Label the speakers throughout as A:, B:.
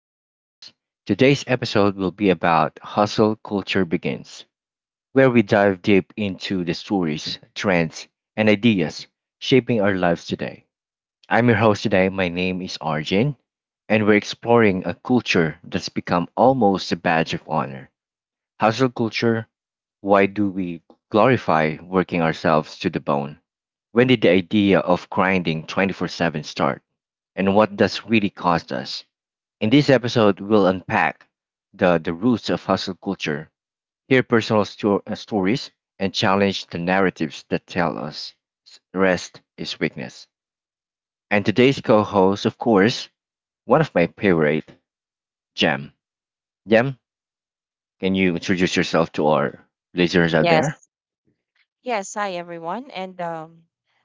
A: podcast. Today's episode will be about Hustle Culture Begins, where we dive deep into the stories, trends, and ideas shaping our lives today. I'm your host today. My name is Arjun, and we're exploring a culture that's become almost a badge of honor. Hustle culture, why do we glorify working ourselves to the bone? When did the idea of grinding 24/7 start? And what does really cost us? In this episode, we'll unpack the roots of hustle culture, hear personal stories, and challenge the narratives that tell us rest is weakness. And today's co host, of course, one of my favorite, Jem. Jem, can you introduce yourself to our listeners out there?
B: Yes. Yes. Hi, everyone. And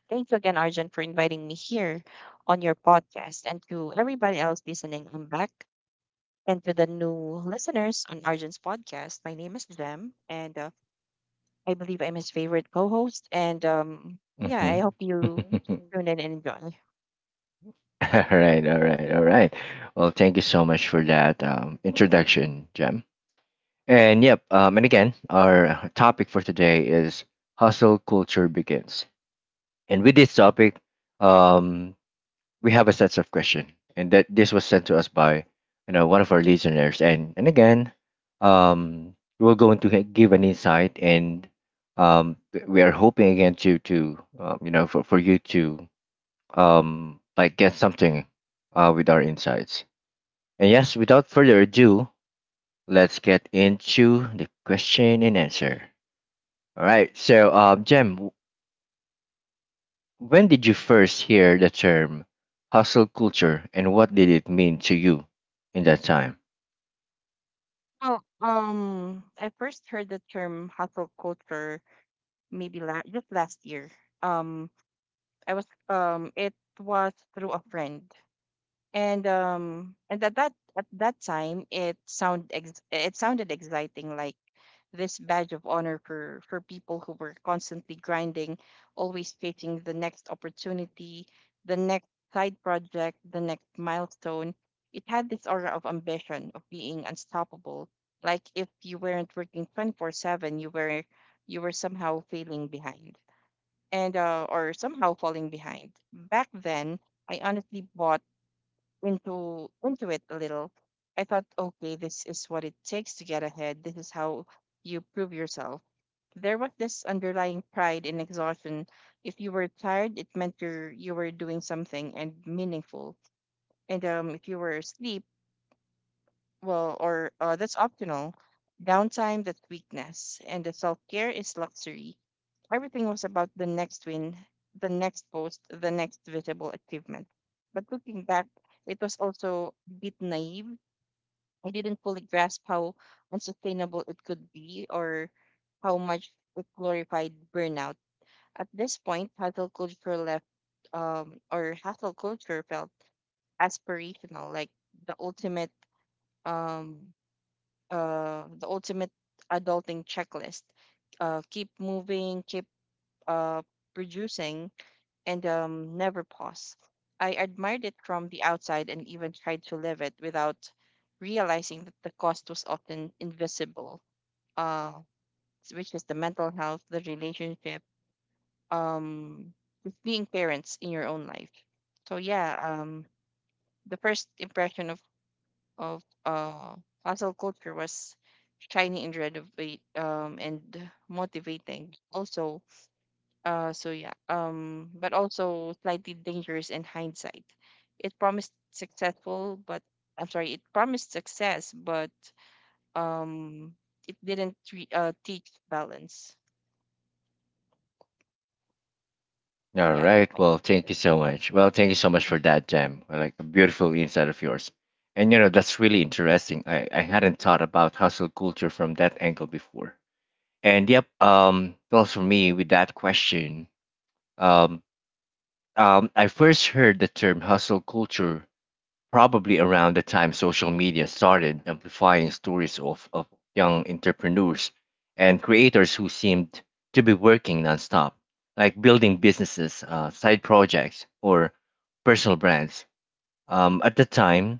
B: thank you again, Arjun, for inviting me here on your podcast. And to everybody else listening, I'm back. And to the new listeners on Arjun's podcast, my name is Jem. And I believe I'm his favorite co host. And yeah, I
A: Mm-hmm.
B: hope you tune in and enjoy.
A: Mm. All right, all right, all right. Well, thank you so much for that introduction, Jem. And yep, and again, our topic for today is hustle culture begins. And with this topic, um, we have a set of question, and that this was sent to us by you know one of our listeners. And again, we're going to give an insight, and um, we are hoping again to you know for you to like get something with our insights. And yes, without further ado, let's get into the question and answer. All right. So, Jem, when did you first hear the term hustle culture and what did it mean to you in that time?
B: Well, I first heard the term hustle culture just last year. Um, I was it was through a friend and at that time it sounded exciting like this badge of honor for people who were constantly grinding, always chasing the next opportunity, the next side project, the next milestone. It had this aura of ambition, of being unstoppable, like if you weren't working 24/7, you were, you were somehow failing behind, and or somehow falling behind. Back then, I honestly bought into it a little. I thought, okay, this is what it takes to get ahead. This is how you prove yourself. There was this underlying pride in exhaustion. If you were tired, it meant you were doing something and meaningful. And if you were asleep, well, or that's optional. Downtime, that's weakness. And the self care is luxury. Everything was about the next win, the next post, the next visible achievement. But looking back, it was also a bit naive. I didn't fully grasp how unsustainable it could be or how much it glorified burnout. At this point, hustle culture felt aspirational, like the ultimate. Um, the ultimate adulting checklist. Keep moving, keep uh, producing, and never pause. I admired it from the outside and even tried to live it without realizing that the cost was often invisible, uh, which is the mental health, the relationship, um, with being parents in your own life. So yeah, the first impression, of hustle culture was shiny and renovate and motivating also, so yeah, um, but also slightly dangerous in hindsight. It promised successful but I'm sorry it promised success, but um, it didn't teach balance.
A: All
B: Yeah, that's
A: right.
B: my.
A: Well, thank you so much. Well, thank you so much
B: Mhm.
A: for that, Jem. I like a beautiful insight of yours. And you know, that's really interesting. I hadn't thought about hustle culture from that angle before. And yep, well, for me, with that question, um, I first heard the term hustle culture probably around the time social media started amplifying stories of young entrepreneurs and creators who seemed to be working nonstop, like building businesses, side projects, or personal brands. At the time,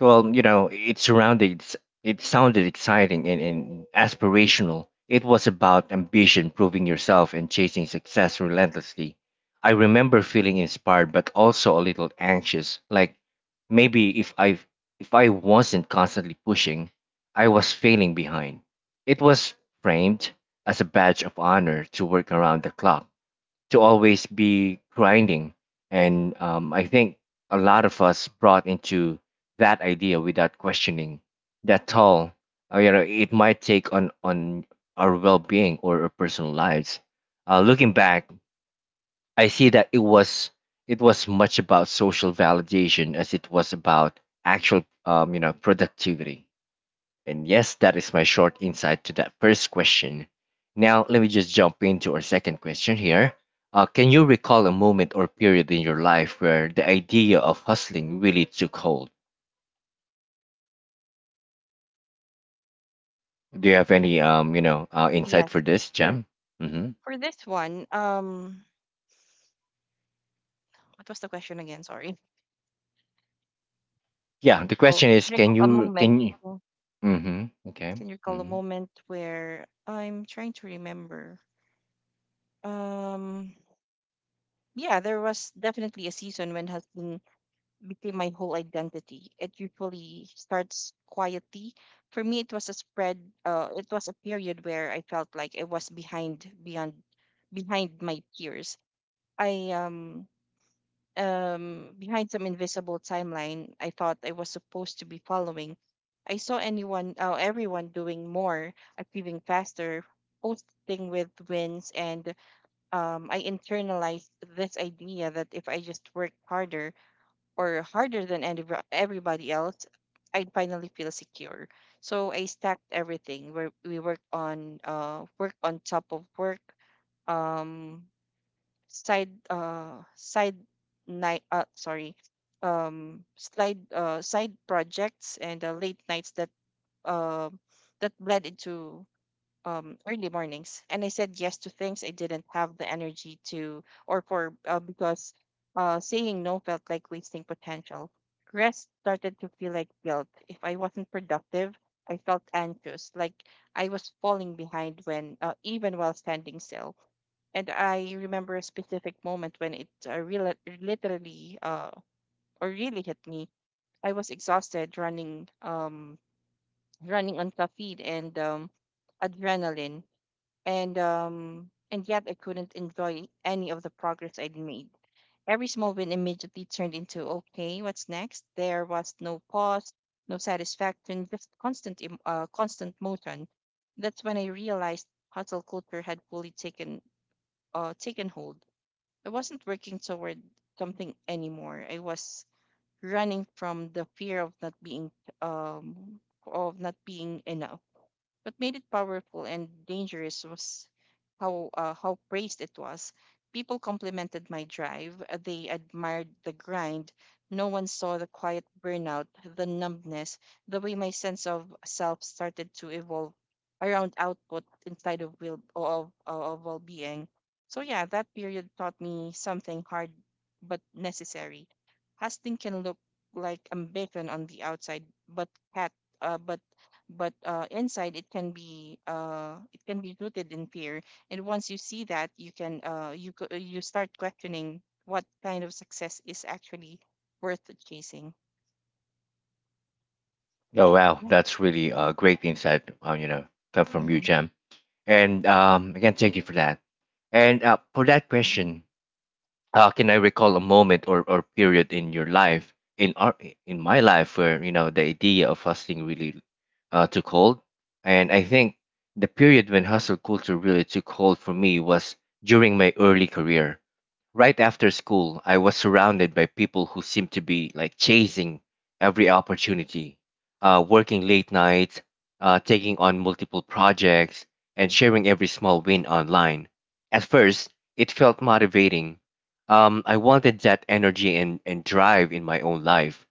A: well, you know, it surrounded, it sounded exciting and aspirational. It was about ambition, proving yourself, and chasing success relentlessly. I remember feeling inspired, but also a little anxious. Like maybe if I wasn't constantly pushing, I was failing behind. It was framed as a badge of honor to work around the clock, to always be grinding. And I think a lot of us brought into that idea without questioning that toll. You know, it might take on our well being or our personal lives. Looking back, I see that it was much about social validation as it was about actual you know productivity, and yes, that is my short insight to that first question. Now, let me just jump into our second question here. Can you recall a moment or period in your life where the idea of hustling really took hold? Do you have any you know, insight for
B: Yes,
A: this, Jam? Mm-hmm.
B: for this one, um, what was the question again sorry
A: Yeah, the
B: oh
A: question is,
B: recall a moment.
A: can you? Mm-hmm. Okay.
B: Can you recall a
A: Mm-hmm.
B: moment where I'm trying to remember? Um, yeah, there was definitely a season when hustling became my whole identity. It usually starts quietly. For me, it was a spread. It was a period where I felt like I was behind my peers. I behind some invisible timeline I thought I was supposed to be following. Everyone doing more, achieving faster, posting with wins, and I internalized this idea that if I just worked harder, or harder than any, everybody else, I'd finally feel secure. So I stacked everything. Where we worked on, Work on top of work, um, side side night sorry slide side projects, and late nights that uh, that bled into early mornings, and I said yes to things I didn't have the energy to or for, because saying no felt like wasting potential. Rest started to feel like guilt. If I wasn't productive, I felt anxious, like I was falling behind when even while standing still. And I remember a specific moment when it real- literally or really hit me. I was exhausted, running on caffeine and adrenaline, and yet I couldn't enjoy any of the progress I'd made. Every small win immediately turned into okay, what's next? There was no pause, no satisfaction, just constant motion. That's when I realized hustle culture had fully taken hold. I wasn't working toward something anymore. I was running from the fear um of not being enough. What made it powerful and dangerous was how praised it was. People complimented my drive. Uh, they admired the grind. No one saw the quiet burnout, the numbness, the way my sense of self started to evolve around output inside of will of well being. So yeah, that period taught me something hard but necessary. Hustling can look like ambition on the outside, but cat uh, but but inside it can be rooted in fear, and once you see that, you can you start questioning what kind of success is actually worth chasing.
A: Oh wow,
B: Yeah.
A: that's really great insight. You know, come from you,
B: Mm-hmm.
A: Jam. And again, thank you for that. And for that
B: Hmm.
A: question, can I recall a moment or period in your life, in my life, where you know the idea of hustling really took hold? And I think the period when hustle culture really took hold for me was during my early career. Right after school, I was surrounded by people who seemed to be like chasing every opportunity, working late nights, taking on multiple projects, and sharing every small win online. At first, it felt motivating. I wanted that energy and drive in my own life.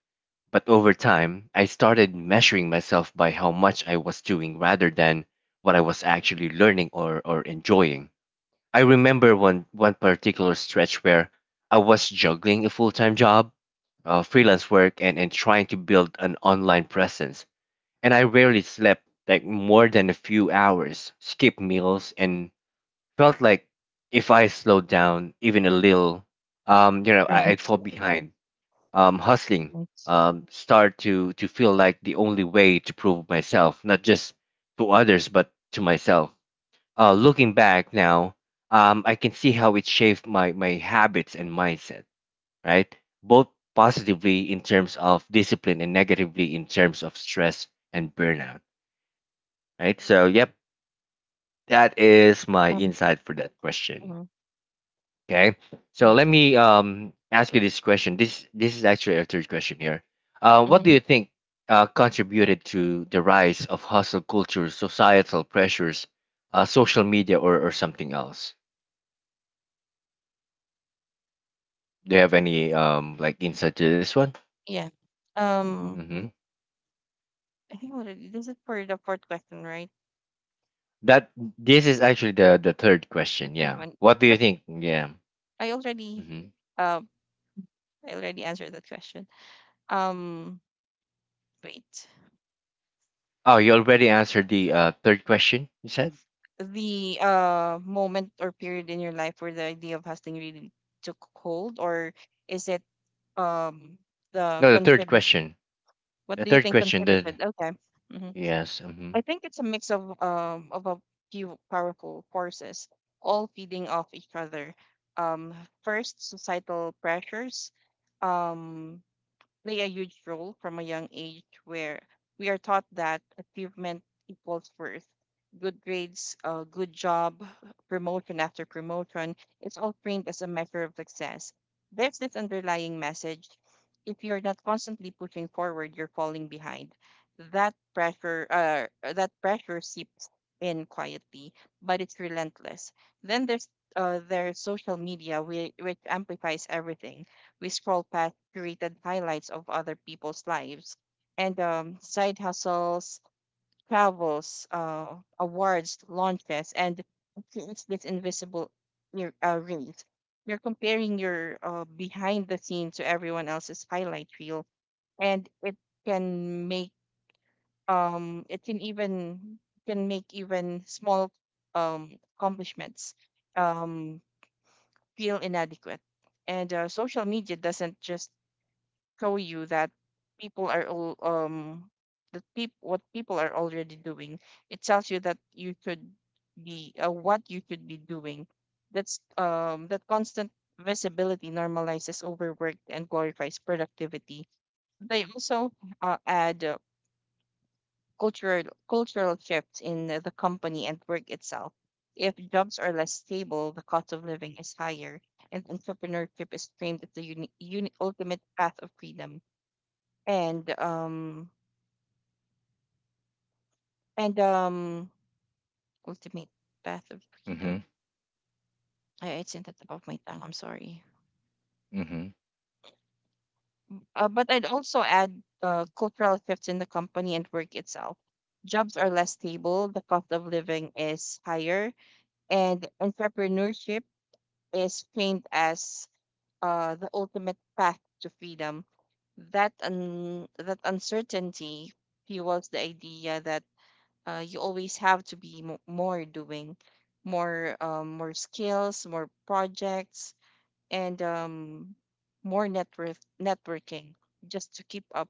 A: But over time, I started measuring myself by how much I was doing rather than what I was actually learning or enjoying. I remember one particular stretch where I was juggling a full time job, freelance work, and trying to build an online presence. And I rarely slept like more than a few hours, skipped meals, and felt like if I slowed down even a little, you know, I'd fall
B: Right.
A: behind. Hustling,
B: Right.
A: start to feel like the only way to prove myself, not just to others but to myself. Looking back now, I can see how it shaped my habits and mindset, right? Both positively in terms of discipline and negatively in terms of stress and burnout, right? So, yep, that is my
B: Um,
A: insight for that question.
B: mhm.
A: Okay. So
B: Thank
A: let
B: you.
A: me ask you this question. This is actually a third question here. What do
B: Hmm.
A: you think contributed to the rise of hustle culture, societal pressures, social media, or something else? Do you have any like insight to this one?
B: Yeah, um,
A: Mm-hmm.
B: I think already this is for the fourth question, right?
A: That this is actually the third
B: The
A: question.
B: third
A: Yeah.
B: one,
A: What do you
B: but
A: think? Yeah.
B: I already,
A: Mm-hmm.
B: uh, I already answered that question. Um, wait.
A: Oh, you already answered the third question. You said
B: The moment or period in your life where the idea of hustling really took hold, or is it um the
A: no. The third
B: contribute?
A: question.
B: What
A: The
B: do you
A: third
B: think
A: question. The
B: contributed? Okay. Hmm.
A: Yes. Mm-hmm.
B: I think it's a mix of a few powerful forces all feeding off each other. Um, first, societal pressures um play a huge role. From a young age, where we are taught that achievement equals worth. Good grades, good job, promotion after promotion, it's all framed as a measure of success. There's this underlying message, if you're not constantly pushing forward, you're falling behind. That pressure seeps in quietly, but it's relentless. Then there's social media, which amplifies everything. We scroll past curated highlights of other people's lives and side hustles, travels, awards, launches, and it creates this invisible race. You're comparing your behind the scene to everyone else's highlight reel, and it can make it can even can make even small accomplishments um, feel inadequate. And social media doesn't just show you that people are all that people what people are already doing, it tells you that you should be what you should be doing. That constant visibility normalizes overwork and glorifies productivity. They also add cultural shifts in the company and work itself. If jobs are less stable, the cost of living is higher, and entrepreneurship is framed as the ultimate path of freedom, and um and ultimate path of
A: Mm-hmm.
B: freedom. I sent that above my tongue. I'm sorry.
A: Mm-hmm.
B: But I'd also add cultural shifts in the company and work itself. Jobs are less stable, the cost of living is higher, and entrepreneurship is framed as, the ultimate path to freedom. That uncertainty fuels the idea that, you always have to be more doing, more more skills, more projects, and more network networking, just to keep up.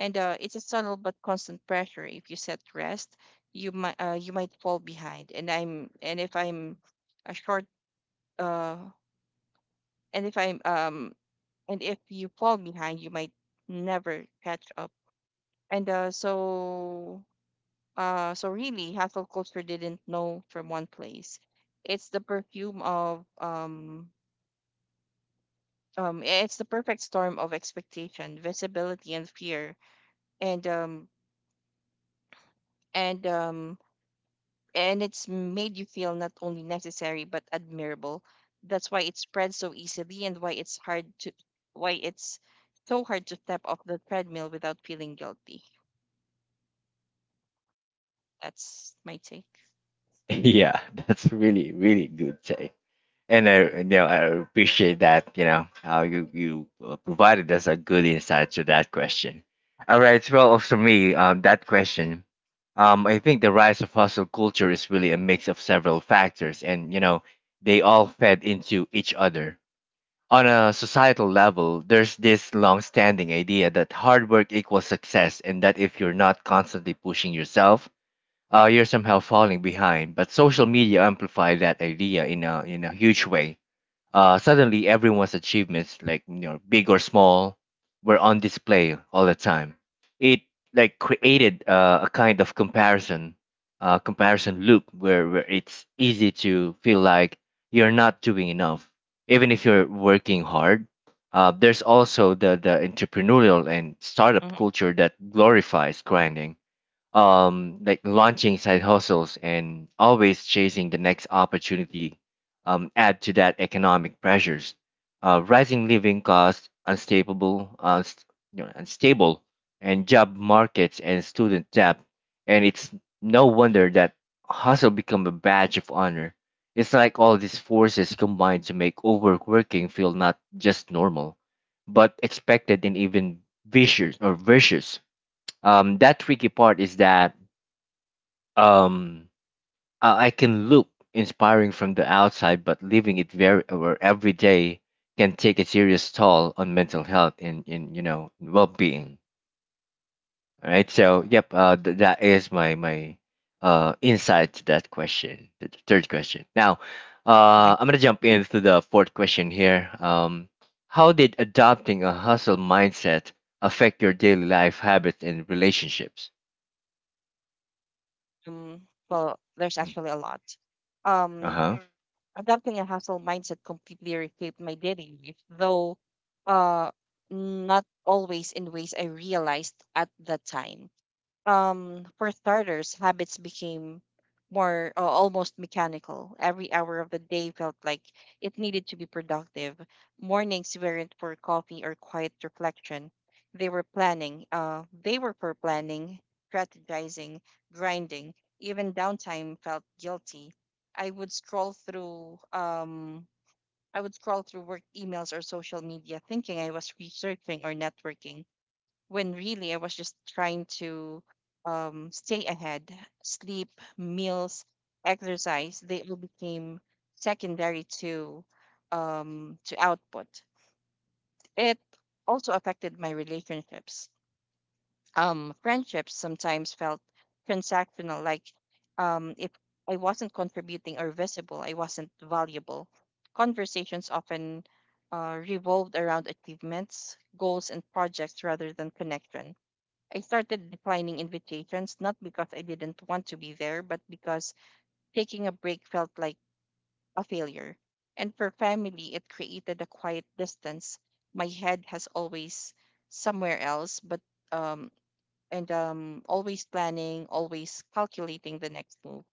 B: And it's a subtle but constant pressure. If you set rest, you might, you might fall behind, and I'm and if I'm a short uh, and if I'm and if you fall behind, you might never catch up. And so, uh, so really, hustle culture didn't know from one place. It's the perfect storm of expectation, visibility, and fear, and um and um and it's made you feel not only necessary but admirable. That's why it spreads so easily and why it's so hard to step off the treadmill without feeling guilty. That's my take.
A: Yeah. That's really really good. And I, you know, I appreciate that, you know, how you provided us a good insight to that question. All right. So, well, for me, that question, I think the rise of hustle culture is really a mix of several factors, and, you know, they all fed into each other. On a societal level, there's this long standing idea that hard work equals success, and that if you're not constantly pushing yourself, you're somehow falling behind. But social media amplified that idea in in a huge way. Suddenly, everyone's achievements, like you know, big or small, were on display all the time. It like created a kind of comparison loop where it's easy to feel like you're not doing enough, even if you're working hard. There's also the entrepreneurial and startup
B: Mhm.
A: culture that glorifies grinding, like launching side hustles and always chasing the next opportunity. Add to that economic pressures, rising living costs, you know, unstable and job markets and student debt, and it's no wonder that hustle become a badge of honor. It's like all these forces combine to make overworking feel not just normal but expected and even vicious. That tricky part is that um I can look inspiring from the outside, but living it very or every day can take a serious toll on mental health and, in you know well being. All right, so yep, that is my my insight to that question, the third question. Now, I'm gonna jump into the fourth question here. How did adopting a hustle mindset affect your daily life habits and relationships?
B: Well, there's actually a lot.
A: Uh
B: Um,
A: huh.
B: Adopting a hustle mindset completely reshaped my daily life, though, uh, not always in ways I realized at the time. Um, for starters, habits became more almost mechanical. Every hour of the day felt like it needed to be productive. Mornings weren't for coffee or quiet reflection. They were for planning, strategizing, grinding. Even downtime felt guilty. I would scroll through. Um, I would scroll through work emails or social media, thinking I was researching or networking when really I was just trying to stay ahead. Sleep, meals, exercise, they all became secondary to output. It also affected my relationships. Friendships sometimes felt transactional, like if I wasn't contributing or visible, I wasn't valuable. Conversations often revolved around achievements, goals, and projects rather than connection. I started declining invitations, not because I didn't want to be there, but because taking a break felt like a failure. And for family, it created a quiet distance. My head has always somewhere else, but um, and always planning, always calculating the next move.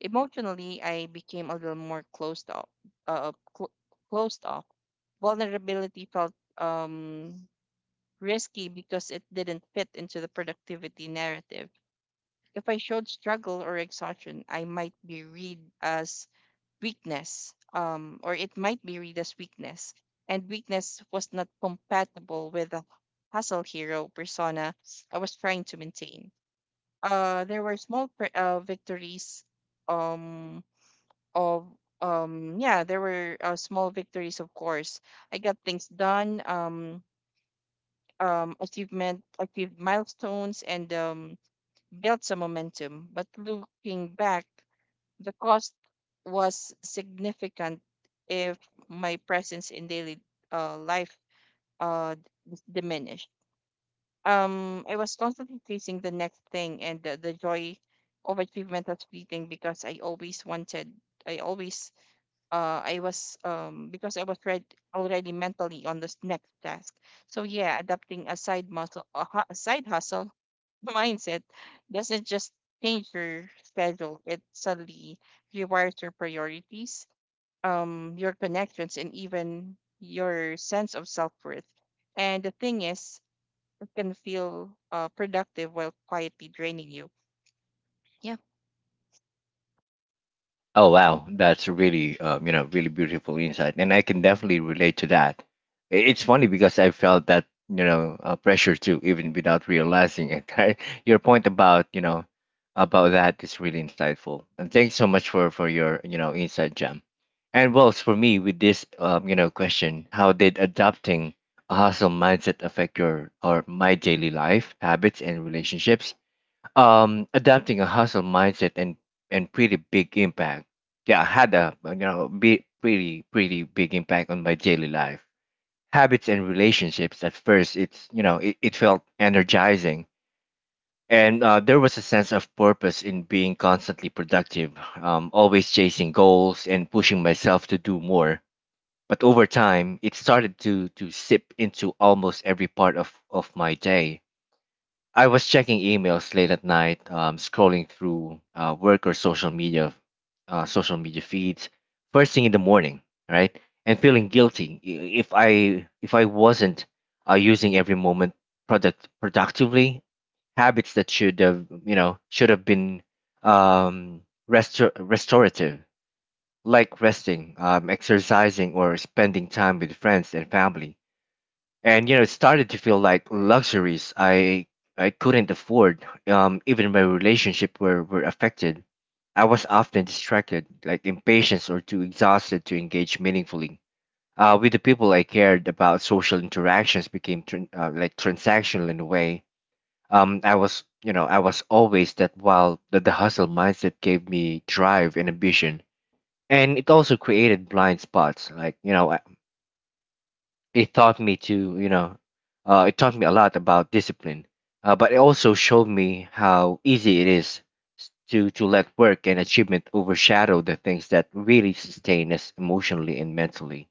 B: Emotionally, I became a little more closed off. Uh, cl- Closed off. Vulnerability felt risky because it didn't fit into the productivity narrative. If I showed struggle or exhaustion, I might be read as weakness, or it might be read as weakness. And weakness was not compatible with the hustle hero persona I was trying to maintain. There were small pr- victories um, of yeah There were small victories, of course. I got things done. Achievement Achieved milestones, and built some momentum, but looking back, the cost was significant. If my presence in daily life uh, diminished. I was constantly chasing the next thing, and the joy of achievement was fleeting because I always wanted. I always, I was, because I was read already mentally on this next task. So yeah, adapting a side muscle, a, hu- a side hustle mindset doesn't just change your schedule, it suddenly rewires your priorities, your connections, and even your sense of self worth. And the thing is, it can feel productive while quietly draining you. Yeah.
A: Oh wow, that's really you know really beautiful insight, and I can definitely relate to that. I- It's funny because I felt that you know pressure too, even without realizing it. Right? Your point about you know about that is really insightful, and thanks so much for your you know insight, Jam. And well, for me with this you know question, how did adopting a hustle mindset affect your or my daily life habits and relationships? Adapting a hustle mindset and pretty big impact. Yeah, had a you know be pretty big impact on my daily life, habits and relationships. At first, it's you know it felt energizing, and there was a sense of purpose in being constantly productive, always chasing goals and pushing myself to do more. But over time, it started to sip into almost every part of my day. I was checking emails late at night, scrolling through work or social media feeds first thing in the morning, right? And feeling guilty I- if I if I wasn't using every moment productively. Habits that should have should have been um, restorative, like resting, exercising, or spending time with friends and family, and it started to feel like luxuries. I couldn't afford. Even my relationship were affected. I was often distracted, like impatient or too exhausted to engage meaningfully with the people I cared about. Social interactions became tran like transactional in a way. Um I was you know I was always that while the hustle mindset gave me drive and ambition, and it also created blind spots, it taught me to you know it taught me a lot about discipline, but it also showed me how easy it is to let work and achievement overshadow the things that really sustain us emotionally and mentally.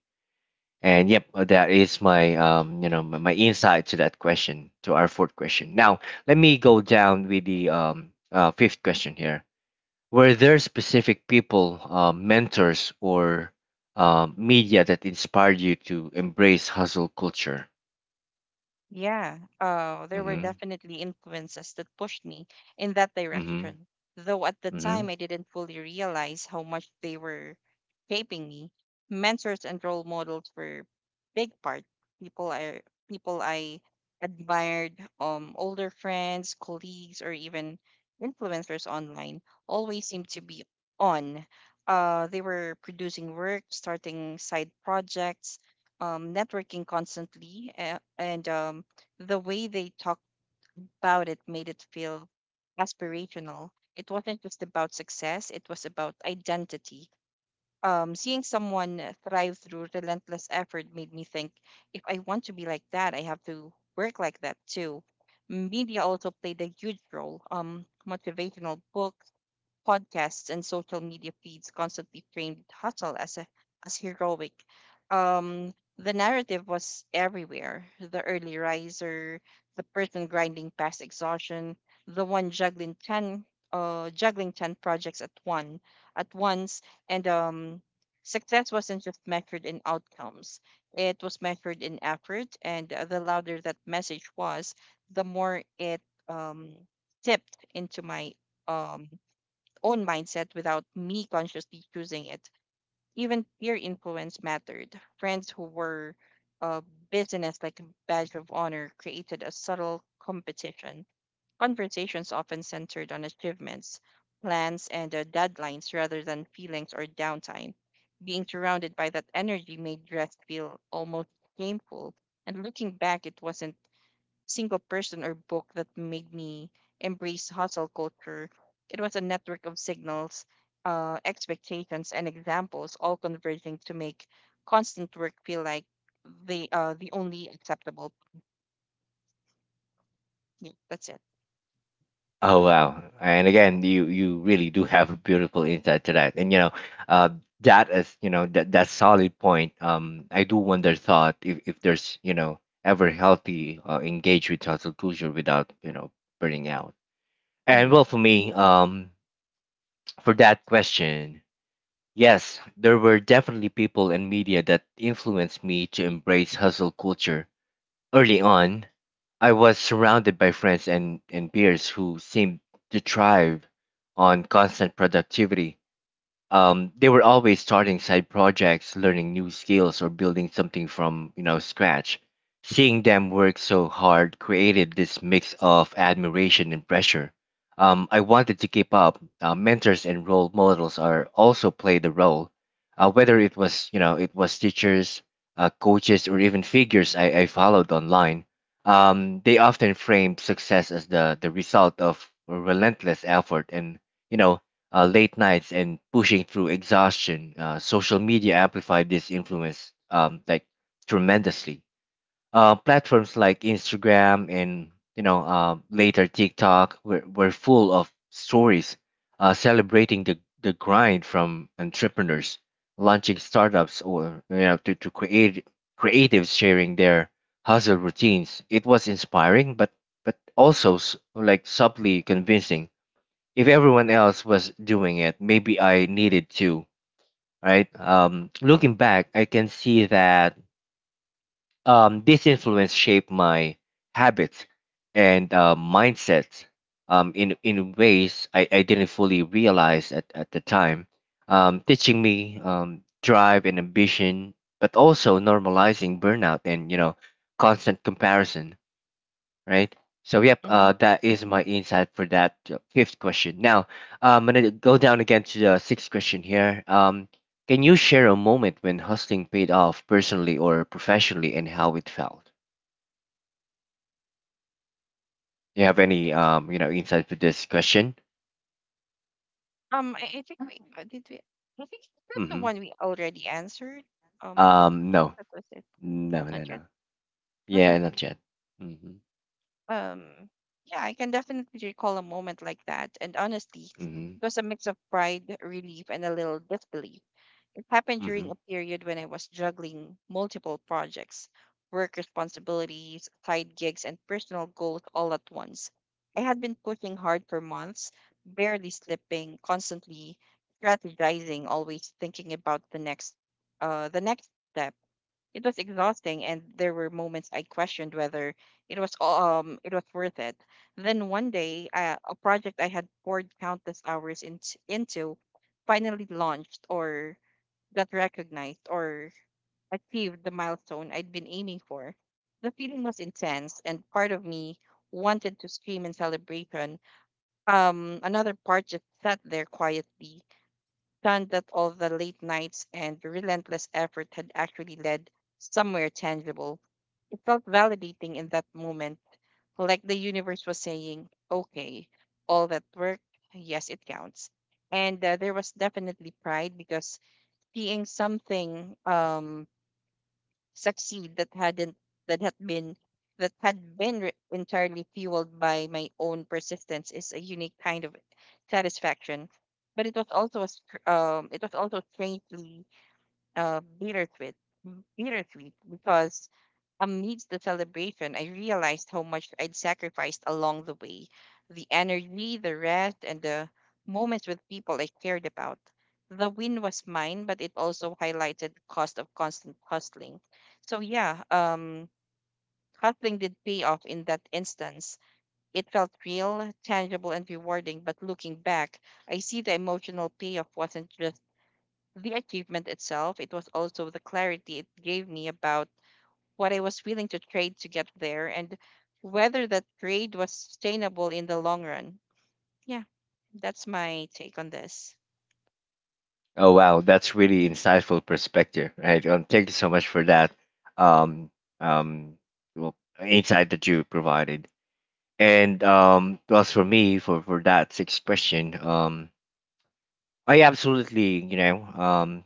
A: And yep, that is my my insight to that question, to our fourth question. Now let me go down with the fifth question here. Were there specific people, mentors, or media that inspired you to embrace hustle culture?
B: Yeah, there were
A: Mm-hmm.
B: definitely influences that pushed me in that
A: Mm-hmm.
B: direction, though at the
A: Mm-hmm.
B: time I didn't fully realize how much they were shaping me. Mentors and role models were big part. People I People I admired, older friends, colleagues, or even influencers online, always seemed to be on. They were producing work, starting side projects, networking constantly, and the way they talked about it made it feel aspirational. It wasn't just about success; it was about identity. Seeing someone thrive through relentless effort made me think, if I want to be like that, I have to work like that too. Media also played a huge role. Motivational books, podcasts, and social media feeds constantly framed hustle as as heroic. The narrative was everywhere: the early riser, the person grinding past exhaustion, the one juggling 10 projects at once, and success wasn't just measured in outcomes; it was measured in effort. And the louder that message was, the more it um, tipped into my um own mindset without me consciously choosing it. Even peer influence mattered. Friends who were uh, business like a badge of honor created a subtle competition. Conversations often centered on achievements, plans, and deadlines rather than feelings or downtime. Being surrounded by that energy made rest feel almost shameful. And looking back, it wasn't single person or book that made me embrace hustle culture. It was a network of signals, expectations, and examples all converging to make constant work feel like the only acceptable. Yeah, that's it.
A: Oh wow! And again, you really do have a beautiful insight to that, and uh, that is that solid point. I do wonder thought if there's ever healthy engage with hustle culture without burning out. And
B: hmm
A: well, for me, for that question, yes, there were definitely people and media that influenced me to embrace hustle culture. Early on, I was surrounded by friends and peers who seemed to thrive on constant productivity. They were always starting side projects, learning new skills, or building something from scratch. Seeing them work so hard created this mix of admiration and pressure. I wanted to keep up. Mentors and role models are also played a role, whether it was it was teachers, coaches, or even figures I followed online. They often framed success as the result of relentless effort and, you know late nights, and pushing through exhaustion. Social media amplified this influence, like tremendously. Platforms like Instagram and, later TikTok were full of stories celebrating the grind, from entrepreneurs launching startups or, you know to create creatives sharing their hustle routines. It was inspiring, but also like subtly convincing. If everyone else was doing it, maybe I needed to, right? Looking back, I can see that, this influence shaped my habits and, mindsets, in ways I didn't fully realize at the time, teaching me, drive and ambition, but also normalizing burnout and, constant comparison, right? So yep,
B: hmm
A: that is my insight for that fifth question. Now I'm gonna go down again to the sixth question here. Can you share a moment when hustling paid off personally or professionally, and how it felt? Do you have any insight for this question?
B: I think we did we. I think that's the
A: Mm-hmm.
B: one we already answered. Um,
A: No,
B: that was it.
A: no,
B: Not
A: no,
B: yet.
A: no.
B: Okay.
A: Yeah, not yet. Mm-hmm.
B: um yeah, I can definitely recall a moment like that, and honestly
A: Mm-hmm.
B: it was a mix of pride, relief, and a little disbelief. It happened
A: Mm-hmm.
B: during a period when I was juggling multiple projects, work responsibilities, side gigs, and personal goals all at once. I had been pushing hard for months, barely slipping, constantly strategizing, always thinking about the next step. It was exhausting, and there were moments I questioned whether it was worth it. Then one day, a project I had poured countless hours into, finally launched, or got recognized, or achieved the milestone I'd been aiming for. The feeling was intense, and part of me wanted to scream in celebration. Another part just sat there quietly, found that all the late nights and relentless effort had actually led somewhere tangible. It felt validating in that moment, like the universe was saying, okay, all that work, yes, it counts. And there was definitely pride, because seeing something succeed that hadn't that had been that had been entirely fueled by my own persistence is a unique kind of satisfaction. But it was it was also strangely uh bittersweet bittersweet, because amidst the celebration, I realized how much I'd sacrificed along the way: the energy, the rest, and the moments with people I cared about. The win was mine, but it also highlighted the cost of constant hustling. So, yeah, hustling did pay off in that instance. It felt real, tangible, and rewarding, but looking back, I see the emotional payoff wasn't just the achievement itself, it was also the clarity it gave me about what I was willing to trade to get there, and whether that trade was sustainable in the long run. Yeah, that's my take on this.
A: Oh wow, that's really insightful perspective, right? Thank you so much for that. Um, um, well, insight that you provided. And well, as for me, for that sixth question, I absolutely, you know, um,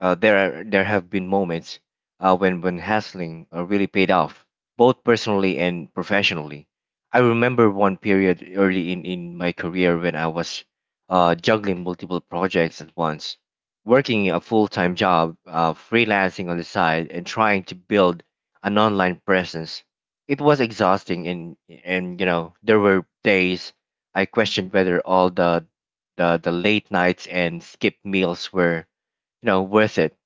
A: uh, there are, there have been moments when hustling really paid off, both personally and professionally. I remember one period early in my career when I was juggling multiple projects at once, working a full time job, freelancing on the side, and trying to build an online presence. It was exhausting, and there were days I questioned whether all the the late nights and skipped meals were, worth it.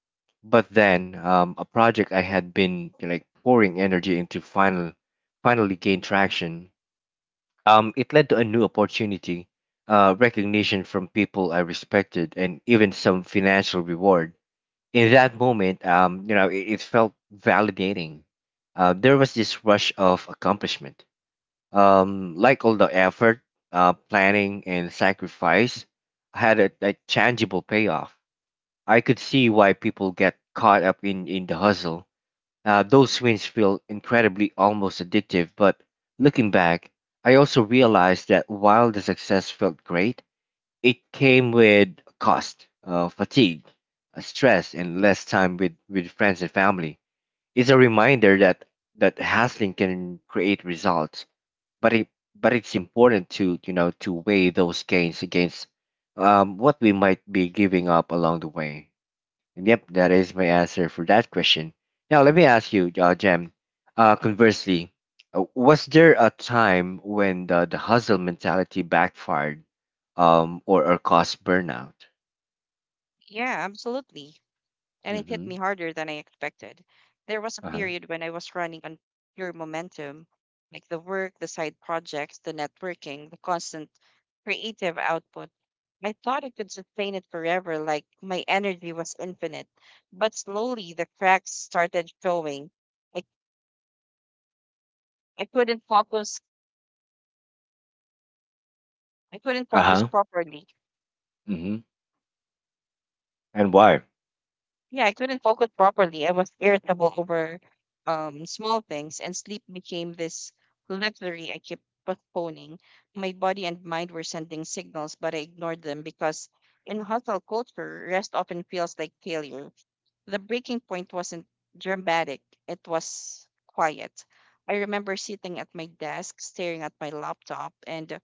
A: But then, a project I had been like pouring energy into finally gained traction. It led to a new opportunity, recognition from people I respected, and even some financial reward. In that moment, it felt validating. There was this rush of accomplishment. Like all the effort, planning, and sacrifice had a tangible payoff. I could see why people get caught up in the hustle. Those wins feel incredibly almost addictive, but looking back, I also realized that while the success felt great, it came with cost, fatigue, stress, and less time with friends and family. It's a reminder that hustling can create results, but it but it's important to weigh those gains against, what we might be giving up along the way. Yep, that is my answer for that question. Now, let me ask you, Jem. Conversely, was there a time when the hustle mentality backfired, or caused burnout?
B: Yeah, absolutely. And it hit me
A: Mm-hmm.
B: harder than I expected. There was a
A: Uh huh.
B: period when I was running on pure momentum, like the work, the side projects, the networking, the constant creative output. I thought I could sustain it forever, like my energy was infinite. But slowly the cracks started showing. I, I couldn't focus. I couldn't
A: Uh
B: focus
A: huh.
B: properly.
A: Mm-hmm. And why?
B: Yeah, I couldn't focus properly. I was irritable over small things, and sleep became this luxury I kept postponing. My body and mind were sending signals, but I ignored them, because in hustle culture, rest often feels like failure. The breaking point wasn't dramatic, it was quiet. I remember sitting at my desk, staring at my laptop, and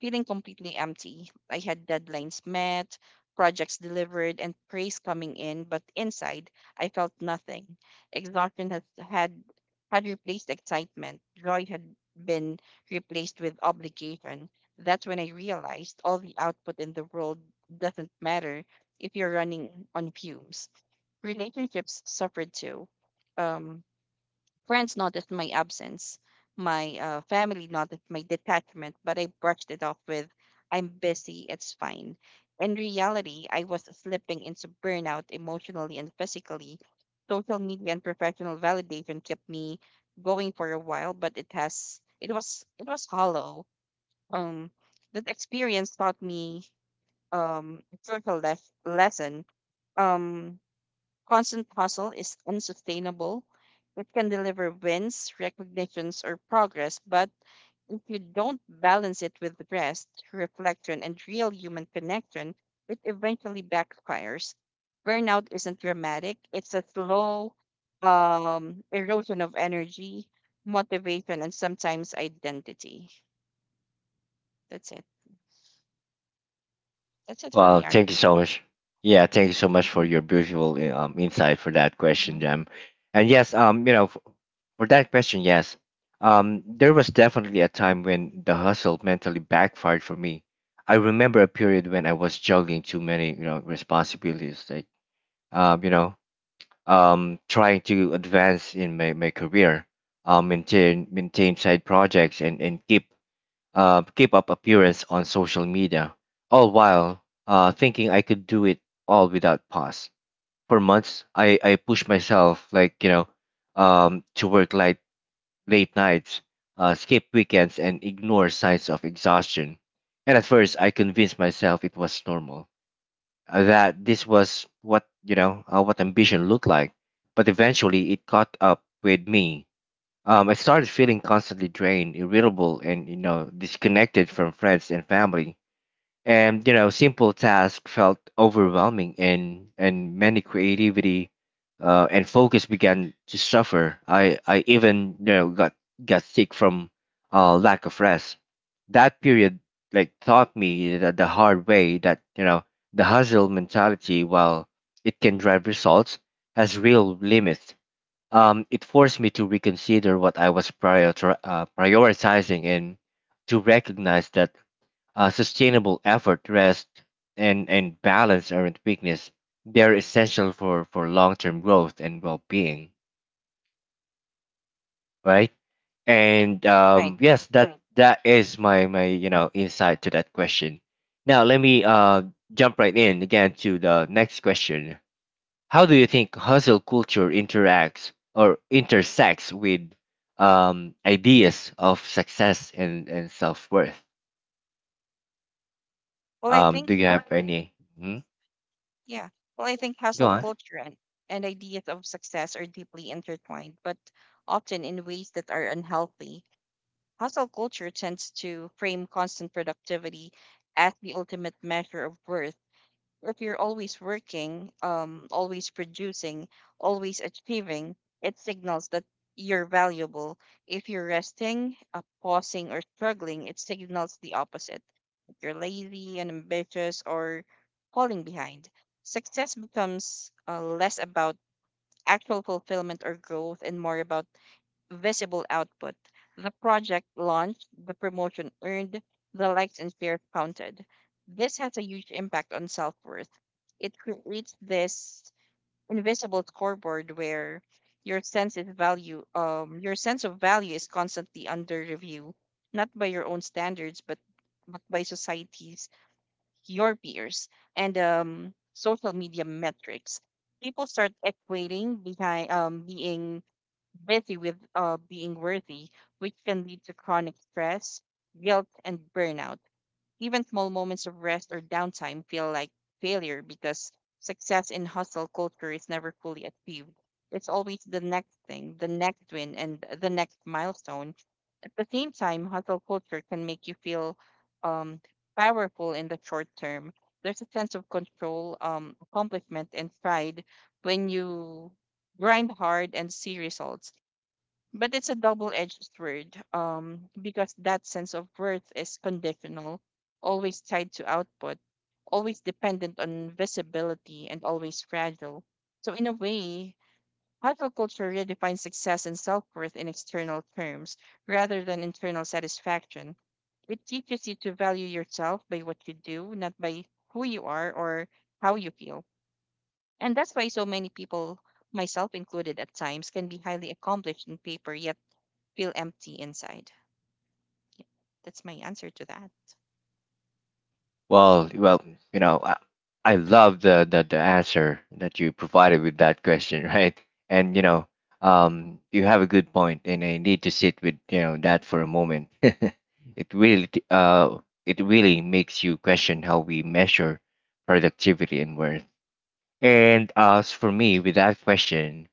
B: feeling completely empty. I had deadlines met, projects delivered, and praise coming in, but inside, I felt nothing. Exhaustion had replaced excitement, joy had been replaced with obligation. That's when I realized all the output in the world doesn't matter if you're running on fumes. Relationships suffered too. Um, Friends noticed my absence. My family noticed my detachment, but I brushed it off with, I'm busy, it's fine. In reality, I was slipping into burnout emotionally and physically. Social media and professional validation kept me going for a while, but it was hollow. Um, that experience taught me a crucial lesson. Um, Constant hustle is unsustainable. It can deliver wins, recognitions, or progress, but if you don't balance it with rest, reflection, and real human connection, it eventually backfires. Burnout isn't dramatic, it's a slow erosion of energy, motivation, and sometimes identity. That's it. That's it for
A: Well,
B: me,
A: thank you
B: Arjun.
A: so much. Yeah, thank you so much for
B: Mhm,
A: your beautiful insight for that
B: mhm.
A: question, Jam. And yes, for that question, yes, there was definitely a time when the hustle mentally backfired for me. I remember a period when I was juggling too many, responsibilities, like, um, you know, trying to advance in my, my career, maintain side projects and, keep up appearance on social media, all while thinking I could do it all without pause. For months, I pushed myself, like, to work like late nights, skip weekends, and ignore signs of exhaustion. And at first, I convinced myself it was normal, that this was what, what ambition looked like. But eventually, it caught up with me. I started feeling constantly drained, irritable, and, disconnected from friends and family. And, simple tasks felt overwhelming, and, many creativity and focus began to suffer. I even you know got sick from lack of rest. That period like taught me the hard way that, the hustle mentality, while it can drive results, has real limits. It forced me to reconsider what I was prioritizing, and to recognize that, sustainable effort, rest, and balance aren't weakness. They're essential for long term growth and well being, right? And
B: Right. Right.
A: yes, that Right. that is my insight to that question. Now let me jump right in again to the next question. How do you think hustle culture interacts or intersects with, ideas of success and self worth?
B: Well, I think
A: Do you have any? Hmm?
B: Yeah. Well, I think
A: Go
B: hustle
A: on.
B: culture and ideas of success are deeply intertwined, but often in ways that are unhealthy. Hustle culture tends to frame constant productivity as the ultimate measure of worth: if you're always working, always producing, always achieving, it signals that you're valuable. If you're resting, pausing, or struggling, it signals the opposite. If you're lazy, and ambitious, or falling behind, success becomes less about actual fulfillment or growth and more about visible output. The project launched, the promotion earned, the likes and shares counted. This has a huge impact on self worth. It creates this invisible scoreboard where your sense of value is constantly under review, not by your own standards, but by society's, your peers, and social media metrics. People start equating behind being busy with being worthy, which can lead to chronic stress, guilt, and burnout. Even small moments of rest or downtime feel like failure, because success in hustle culture is never fully achieved. It's always the next thing, the next win, and the next milestone. At the same time, hustle culture can make you feel um, powerful in the short term. There's a sense of control, accomplishment, and pride when you grind hard and see results, but it's a double-edged sword, because that sense of worth is conditional, always tied to output, always dependent on visibility, and always fragile. So, in a way, hustle culture redefines success and self-worth in external terms rather than internal satisfaction. It teaches you to value yourself by what you do, not by who you are or how you feel. And that's why so many people, myself included at times, can be highly accomplished on paper yet feel empty inside. Yeah, that's my answer to that.
A: Well, you know, I, I love the answer that you provided with that question, right? And you have a good point, and I need to sit with, that for a moment. It really, it really makes you question how we measure productivity and worth. And as for me, with that question,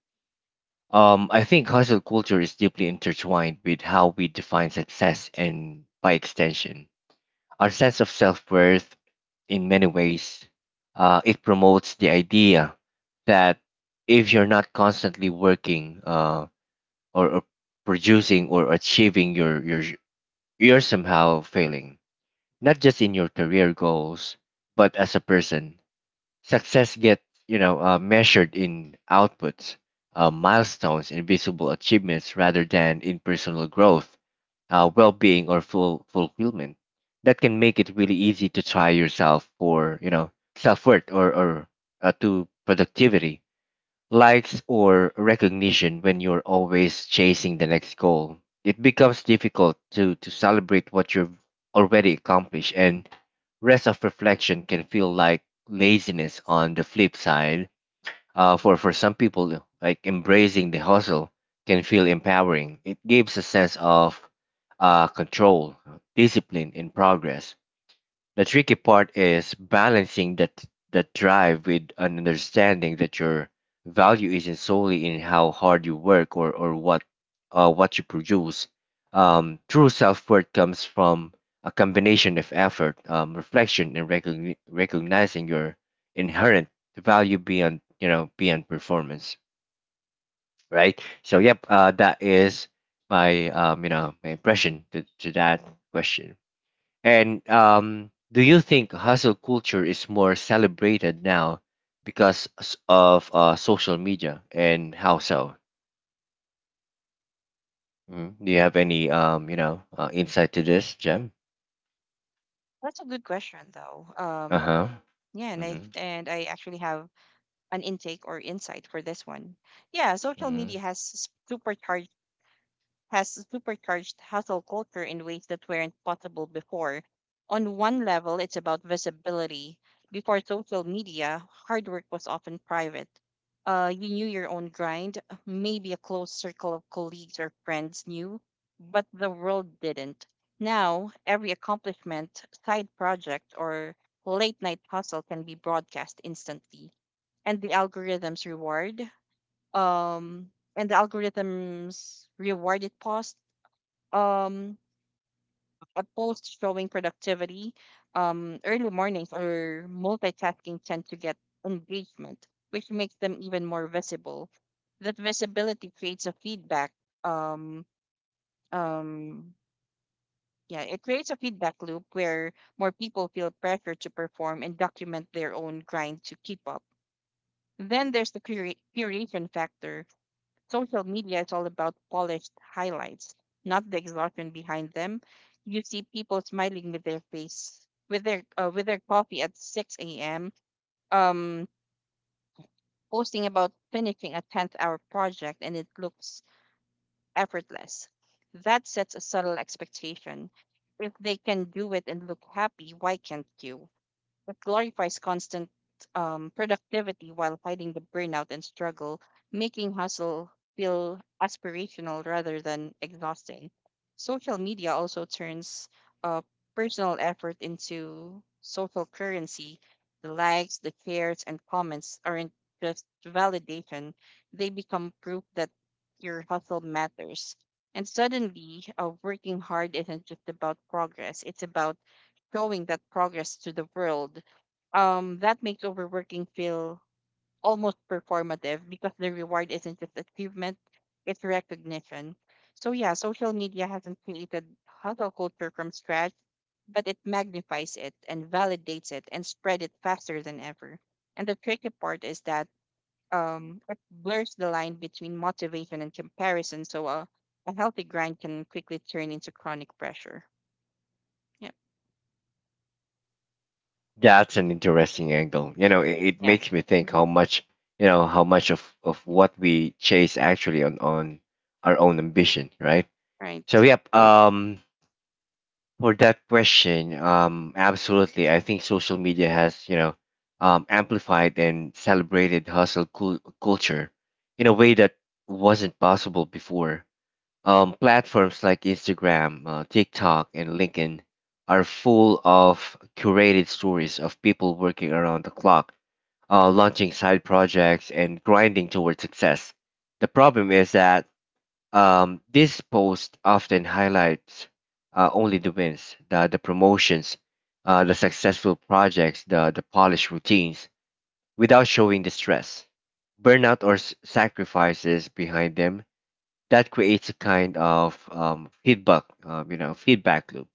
A: I think hustle culture is deeply intertwined with how we define success and, by extension, our sense of self worth in many ways. It promotes the idea that if you're not constantly working, or producing or achieving you're somehow failing, not just in your career goals, but as a person. Success gets, measured in outputs, milestones, and visible achievements rather than in personal growth, well-being, or full fulfillment. That can make it really easy to try yourself for, self-worth or to productivity, likes or recognition. When you're always chasing the next goal, it becomes difficult to celebrate what you've already accomplished, and rest of reflection can feel like laziness. On the flip side, for some people, like embracing the hustle can feel empowering. It gives a sense of, control, discipline and progress. The tricky part is balancing that, drive with an understanding that your value isn't solely in how hard you work or what, what you produce. True self worth comes from a combination of effort, reflection, and recognizing your inherent value beyond, beyond performance. Right. So yep, that is my, my impression to that question. And do you think hustle culture is more celebrated now because of social media, and how so? Mm, do you have any, insight to this, Jem?
B: That's a good question, though.
A: Uh-huh.
B: Yeah, and I
A: Mm-hmm.
B: and I actually have an intake or insight for this one. Yeah, social media
A: Mm-hmm.
B: supercharged has supercharged hustle culture in ways that weren't possible before. On one level, it's about visibility. Before social media, hard work was often private. You knew your own grind, maybe a close circle of colleagues or friends knew, but the world didn't. Now, every accomplishment, side project, or late night hustle can be broadcast instantly. And the algorithms reward um and the algorithms reward it pause um a post showing productivity, early mornings or multitasking, tend to get engagement, which makes them even more visible. That visibility creates a feedback um um loop where more people feel pressure to perform and document their own grind to keep up. Then there's the curation factor. Social media is all about polished highlights, not the exhaustion behind them. You see people smiling with their face, with their coffee at 6 a.m. Um, Posting about finishing a 10th-hour project, and it looks effortless. That sets a subtle expectation. If they can do it and look happy, why can't you? That glorifies constant productivity while hiding the burnout and struggle, making hustle feel aspirational rather than exhausting. Social media also turns uh, personal effort into social currency. The likes, the shares, and comments aren't just validation, they become proof that your hustle matters. And suddenly, working hard isn't just about progress, it's about showing that progress to the world. That makes overworking feel almost performative because the reward isn't just achievement, it's recognition. So, yeah, social media hasn't created hustle culture from scratch, but it magnifies it and validates it and spread it faster than ever. And the tricky part is that it blurs the line between motivation and comparison. So, a healthy grind can quickly turn into chronic pressure. Yep.
A: That's an interesting angle. You know, it
B: Yeah.
A: makes me think
B: Mhm.
A: how much, how much of what we chase actually on our own ambition, right? So
B: Right.
A: yep. For that question, absolutely. I think social media has, amplified and celebrated hustle cul culture in a way that wasn't possible before. Platforms like Instagram, TikTok, and LinkedIn are full of curated stories of people working around the clock, launching side projects, and grinding toward success. The problem is that, this post often highlights, only the wins, the promotions, the successful projects, the polished routines, without showing the stress, burnout, or sacrifices behind them. That creates a kind of, feedback, feedback loop.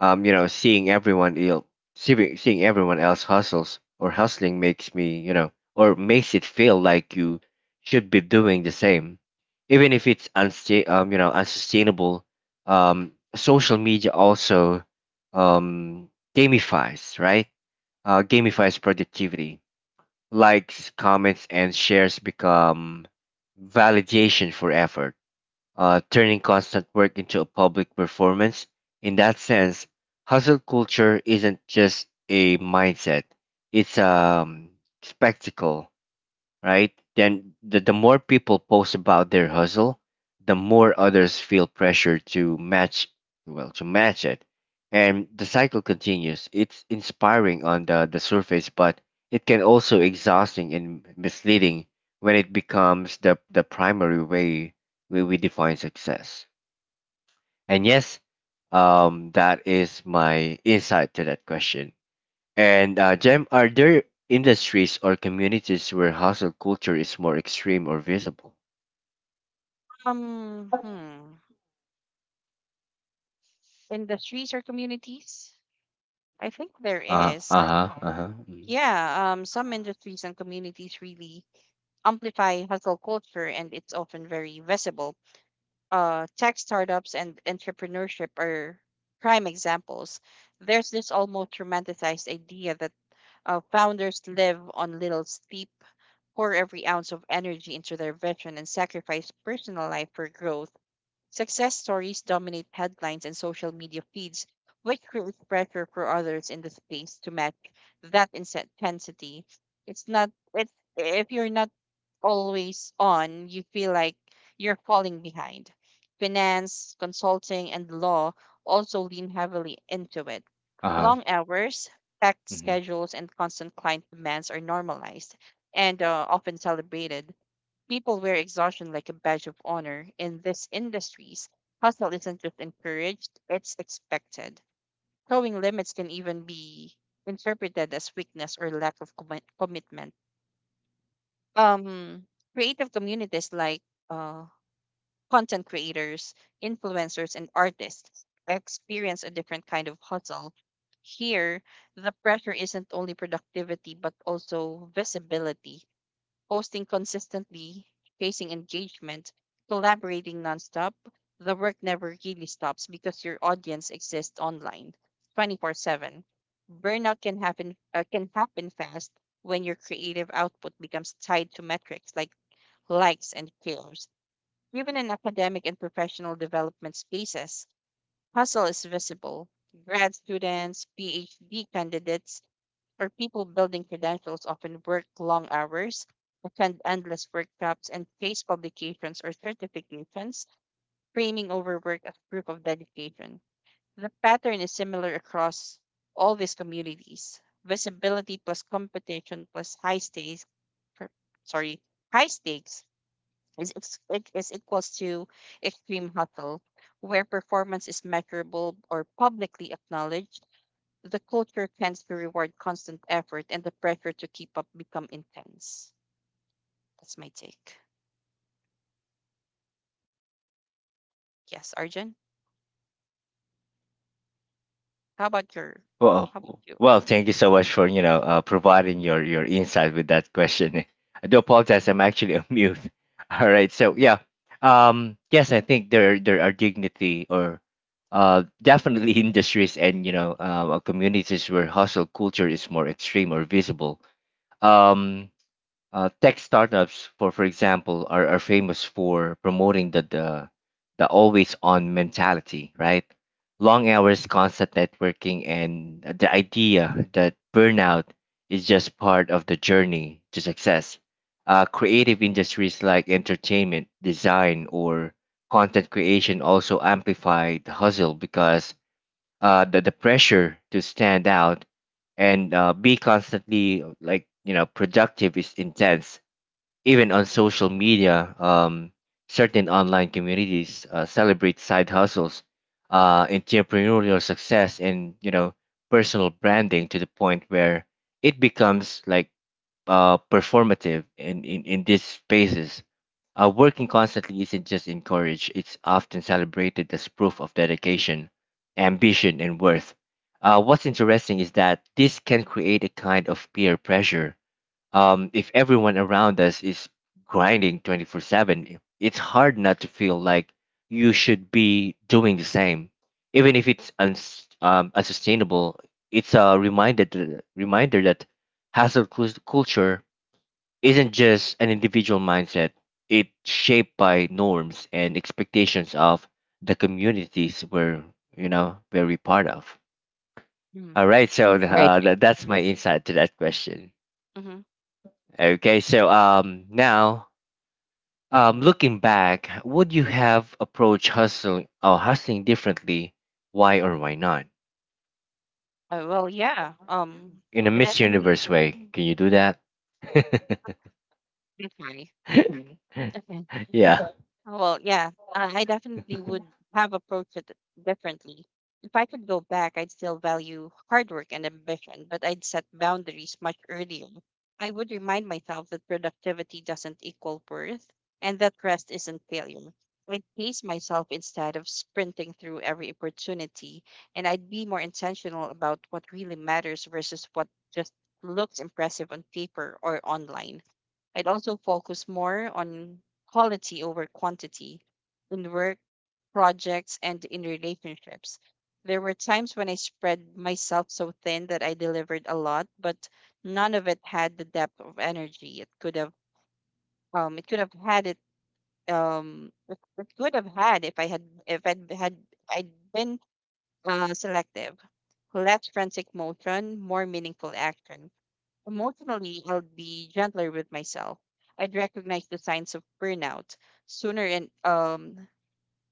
A: Um, you know, seeing everyone ill, seeing seeing everyone else hustles or hustling makes me, or makes it feel like you should be doing the same, even if it's unsustainable. Social media also um gamifies, right? Gamifies productivity. Likes, comments, and shares become validation for effort turning constant work into a public performance. In that sense, hustle culture isn't just a mindset, it's a spectacle, right? Then the more people post about their hustle, the more others feel pressure to match, to match it. And the cycle continues. It's inspiring on the surface, but it can also exhausting and misleading when it becomes the primary way we define success. And yes, that is my insight to that question. And Jem, are there industries or communities where hustle culture is more extreme or visible?
B: Um, hmm. Industries or communities? I think there
A: Uh
B: is.
A: uh huh uh huh
B: Yeah, some industries and communities really amplify hustle culture, and it's often very visible. Tech startups and entrepreneurship are prime examples. There's this almost romanticized idea that founders live on little steep, pour every ounce of energy into their vision, and sacrifice personal life for growth. Success stories dominate headlines and social media feeds, which creates pressure for others in the space to match that intensity. It's if you're not always on, you feel like you're falling behind. Finance, consulting, and law also lean heavily into it.
A: uh huh.
B: Long hours, packed
A: Hmm.
B: schedules, and constant client demands are normalized and often celebrated. People wear exhaustion like a badge of honor. In these industries, hustle isn't just encouraged, it's expected. Towing limits can even be interpreted as weakness or lack of commitment. Um, creative communities like uh, content creators, influencers, and artists experience a different kind of hustle. Here, the pressure isn't only productivity, but also visibility, posting consistently, chasing engagement, collaborating nonstop. The work never really stops because your audience exists online 24/7. Burnout can happen can happen fast when your creative output becomes tied to metrics like likes and shares. Even in academic and professional development spaces, hustle is visible. Grad students, PhD candidates, or people building credentials often work long hours, attend endless workshops, and chase publications or certifications, framing overwork as proof of dedication. The pattern is similar across all these communities. Visibility plus competition plus high stakes, per- sorry, high stakes is, ex- it is equals to extreme hustle. Where performance is measurable or publicly acknowledged, the culture tends to reward constant effort and the pressure to keep up become intense. That's my take. Yes, Arjun. How about your
A: Well,
B: how about you?
A: well, thank you so much for providing
B: Mm-hmm.
A: your insight with that question. I do apologize. I'm actually on mute. All right. So yeah, yes, I think there are dignity or definitely industries and communities where hustle culture is more extreme or visible. Um, Tech startups, for example, are famous for promoting the always on mentality, right? Long hours, constant networking, and the idea that burnout is just part of the journey to success. Creative industries like entertainment, design, or content creation also amplify the hustle because the pressure to stand out and be constantly productive is intense even on social media. Certain online communities celebrate side hustles, entrepreneurial success, and personal branding to the point where it becomes like performative in, in these spaces. Working constantly isn't just encouraged, it's often celebrated as proof of dedication, ambition, and worth. What's interesting is that this can create a kind of peer pressure. If everyone around us is grinding 24/7, it's hard not to feel like you should be doing the same. Even if it's unsustainable, it's a reminder that hustle culture isn't just an individual mindset, it's shaped by norms and expectations of the communities we're, you know, very part of.
B: Hmm.
A: All right, so
B: Right.
A: that's my insight to that question.
B: Hmm.
A: Okay, so now, looking back, would you have approached hustling differently? Why or why not?
B: Yeah.
A: In a
B: I
A: Miss
B: definitely.
A: Universe way, can you do that?
B: Okay. Okay.
A: Yeah.
B: Well, yeah, I definitely would have approached it differently. If I could go back, I'd still value hard work and ambition, but I'd set boundaries much earlier. I would remind myself that productivity doesn't equal worth and that rest isn't failure. I'd pace myself instead of sprinting through every opportunity, and I'd be more intentional about what really matters versus what just looks impressive on paper or online. I'd also focus more on quality over quantity in work, projects, and in relationships. There were times when I spread myself so thin that I delivered a lot, but none of it had the depth of energy it could have had it it it could have had if I'd been selective. Less frantic motion, more meaningful action. Emotionally, I'll be gentler with myself. I'd recognize the signs of burnout sooner and um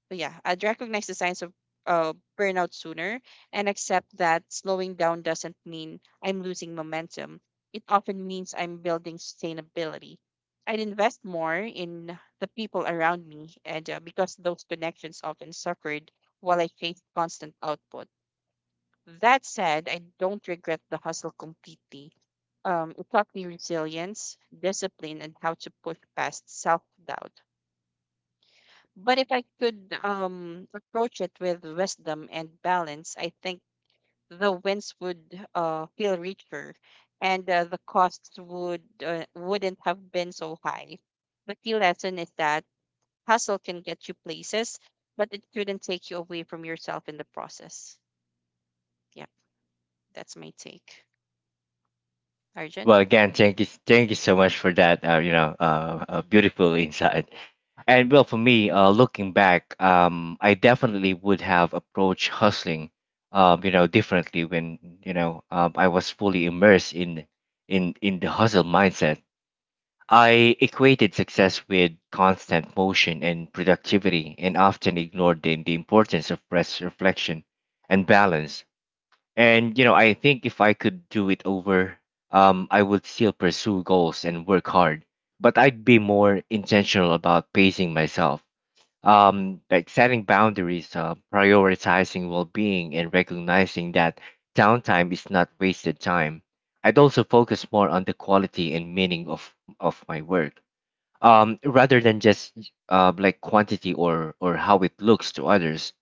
B: but yeah, I'd recognize the signs of burnout sooner and accept that slowing down doesn't mean I'm losing momentum. It often means I'm building sustainability. I'd invest more in the people around me and because those connections often suffered while I chased constant output. That said, I don't regret the hustle completely. It taught me resilience, discipline, and how to push past self doubt. But if I could approach it with wisdom and balance, I think the wins would feel richer, and the costs wouldn't have been so high. The key lesson is that hustle can get you places, but it couldn't take you away from yourself in the process. Yep, that's my take. Arjun.
A: Well, thank you so much for that. Beautiful insight. And well, for me,
B: Hmm.
A: looking back, I definitely would have approached hustling, differently. When I was fully immersed in the hustle mindset, I equated success with constant motion and productivity and often ignored the importance of rest, reflection, and balance. And, you know, I think if I could do it over, I would still pursue goals and work hard, but I'd be more intentional about pacing myself. Like setting boundaries, prioritizing well being, and recognizing that downtime is not wasted time. I'd also focus more on the quality and meaning of my work, rather than just like quantity or how it looks to others.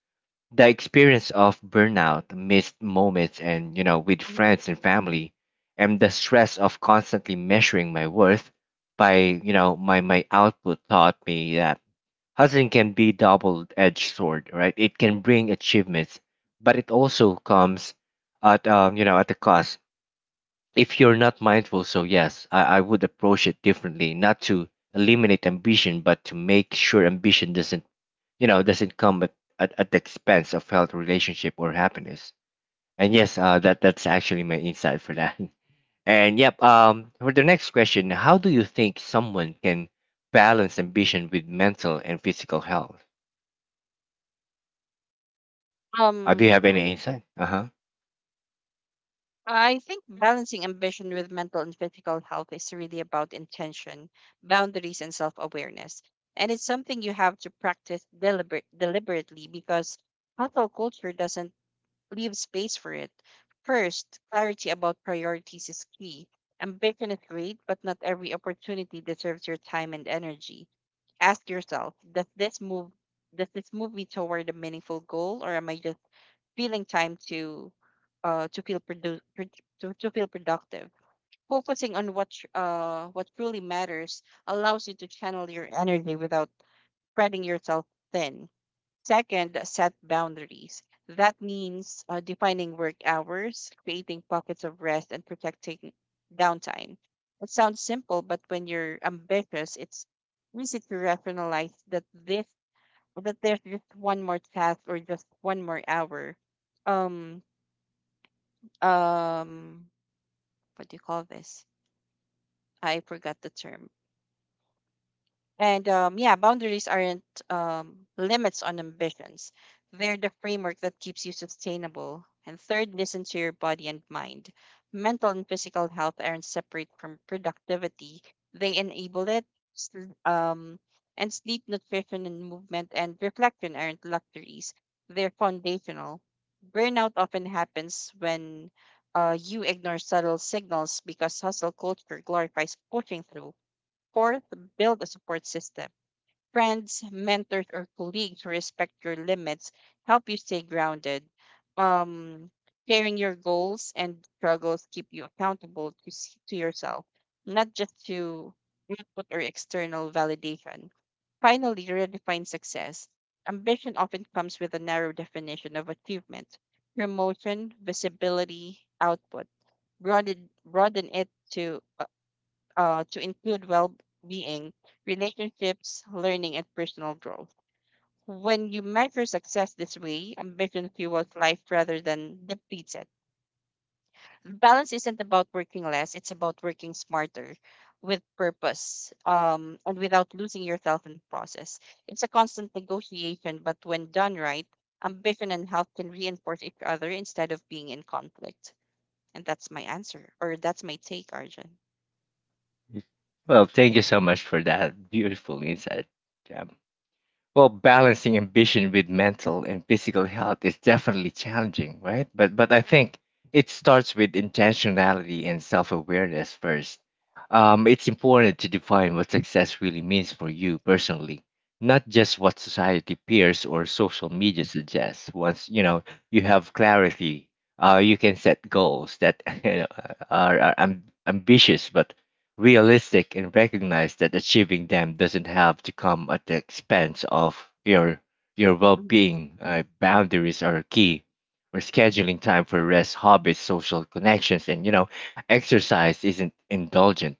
A: The experience of burnout, missed moments, and you know, with friends and family, and the stress of constantly measuring my worth by my output taught me that hustling can be double-edged sword, right? It can bring achievements, but it also comes at at the cost if you're not mindful. So, yes, I would approach it differently, not to eliminate ambition, but to make sure ambition doesn't, doesn't come at the expense of health, relationship, or happiness. And yes, that that's actually my insight for that. And yep, for the next question, how do you think someone can balance ambition with mental and physical health? Do you
B: Um,
A: have any insight? Uh huh.
B: I think balancing ambition with mental and physical health is really about intention, boundaries, and self awareness. And it's something you have to practice deliberately because hustle culture doesn't leave space for it. First, clarity about priorities is key. Ambition is great, but not every opportunity deserves your time and energy. Ask yourself, does this move me toward a meaningful goal, or am I just feeling time to feel produ- pro- to feel productive? Focusing on what truly matters allows you to channel your energy without spreading yourself thin. Second, set boundaries. That means defining work hours, creating pockets of rest, and protecting downtime. It sounds simple, but when you're ambitious, it's easy to rationalize that there's just one more task or just one more hour. um um what do you call this? I forgot the term. And yeah, boundaries aren't limits on ambitions. They're the framework that keeps you sustainable. And third, listen to your body and mind. Mental and physical health aren't separate from productivity, they enable it. Sl- Um, and sleep, nutrition, and movement and reflection aren't luxuries, they're foundational. Burnout often happens when you ignore subtle signals because hustle culture glorifies pushing through. Fourth, build a support system. Friends, mentors, or colleagues who respect your limits help you stay grounded. Um, Sharing your goals and struggles keep you accountable to, to yourself, not just to input or external validation. Finally, redefine success. Ambition often comes with a narrow definition of achievement, promotion, visibility, output. Broaden it to include well being, relationships, learning, and personal growth. When you measure success this way, ambition fuels life rather than depletes it. Balance isn't about working less, it's about working smarter with purpose and without losing yourself in the process. It's a constant negotiation, but when done right, ambition and health can reinforce each other instead of being in conflict. And that's my take, Arjun.
A: Well, thank you so much for that beautiful insight. Yeah. Well, balancing ambition with mental and physical health is definitely challenging, right? But I think it starts with intentionality and self-awareness first. It's important to define what success really means for you personally, not just what society, peers, or social media suggests. Once you know you have clarity, you can set goals that, you know, are ambitious but realistic, and recognize that achieving them doesn't have to come at the expense of your
B: Mm,
A: well-being. Boundaries are key. Or scheduling time for rest, hobbies, social connections, and you know, exercise isn't indulgent,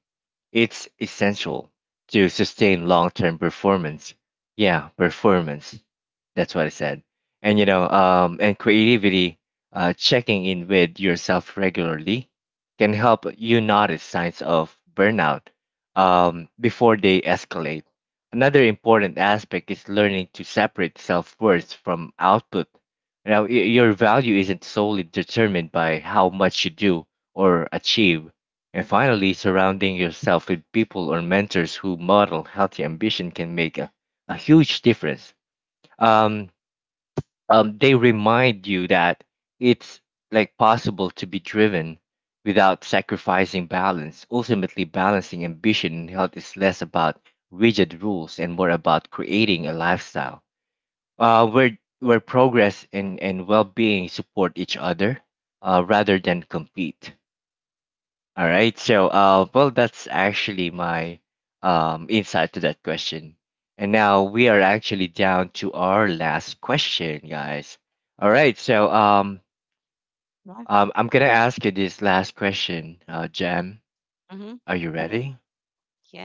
A: it's essential to sustain long term performance. Yeah, performance. That's what I said. And you know, and creativity, checking in with yourself regularly can help you notice signs of burnout before they escalate. Another important aspect is learning to separate self worth from output. Now, your value isn't solely determined by how much you do or achieve. And finally, surrounding yourself with people or mentors who model healthy ambition can make a huge difference. Um, they remind you that it's like possible to be driven without sacrificing balance. Ultimately, balancing ambition and health is less about rigid rules and more about creating a lifestyle, where progress and well-being support each other, rather than compete. All right. So, well, that's actually my insight to that question. And now we are actually down to our last question, guys. All right. So,
B: yeah.
A: I'm gonna ask you this last question, Jam.
B: Mm-hmm.
A: Are you ready?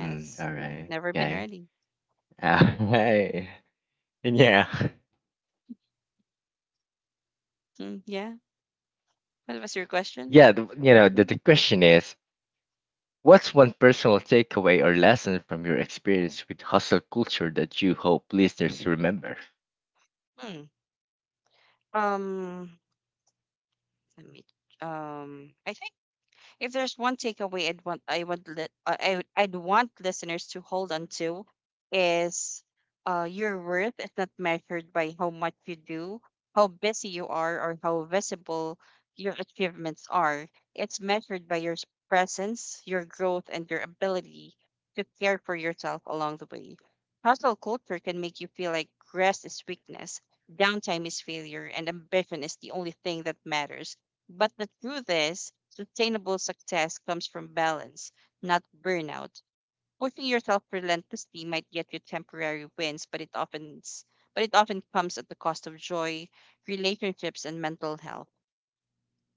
A: Mm, all right.
B: Never been
A: Okay.
B: ready.
A: All right. Yeah.
B: Mm, yeah. What was your
A: Yeah. The,
B: question?
A: you know, the question is, what's one personal takeaway or lesson from your experience with hustle culture that you hope listeners remember?
B: Hmm. Um, let me. I think if there's one takeaway I'd want I would let I would, I'd want listeners to hold on to is your worth is not measured by how much you do, how busy you are, or how visible your achievements are. It's measured by your presence, your growth, and your ability to care for yourself along the way. Hustle culture can make you feel like rest is weakness, downtime is failure, and ambition is the only thing that matters. But the truth is, sustainable success comes from balance, not burnout. Pushing yourself relentlessly might get you temporary wins, but it often comes at the cost of joy, relationships, and mental health.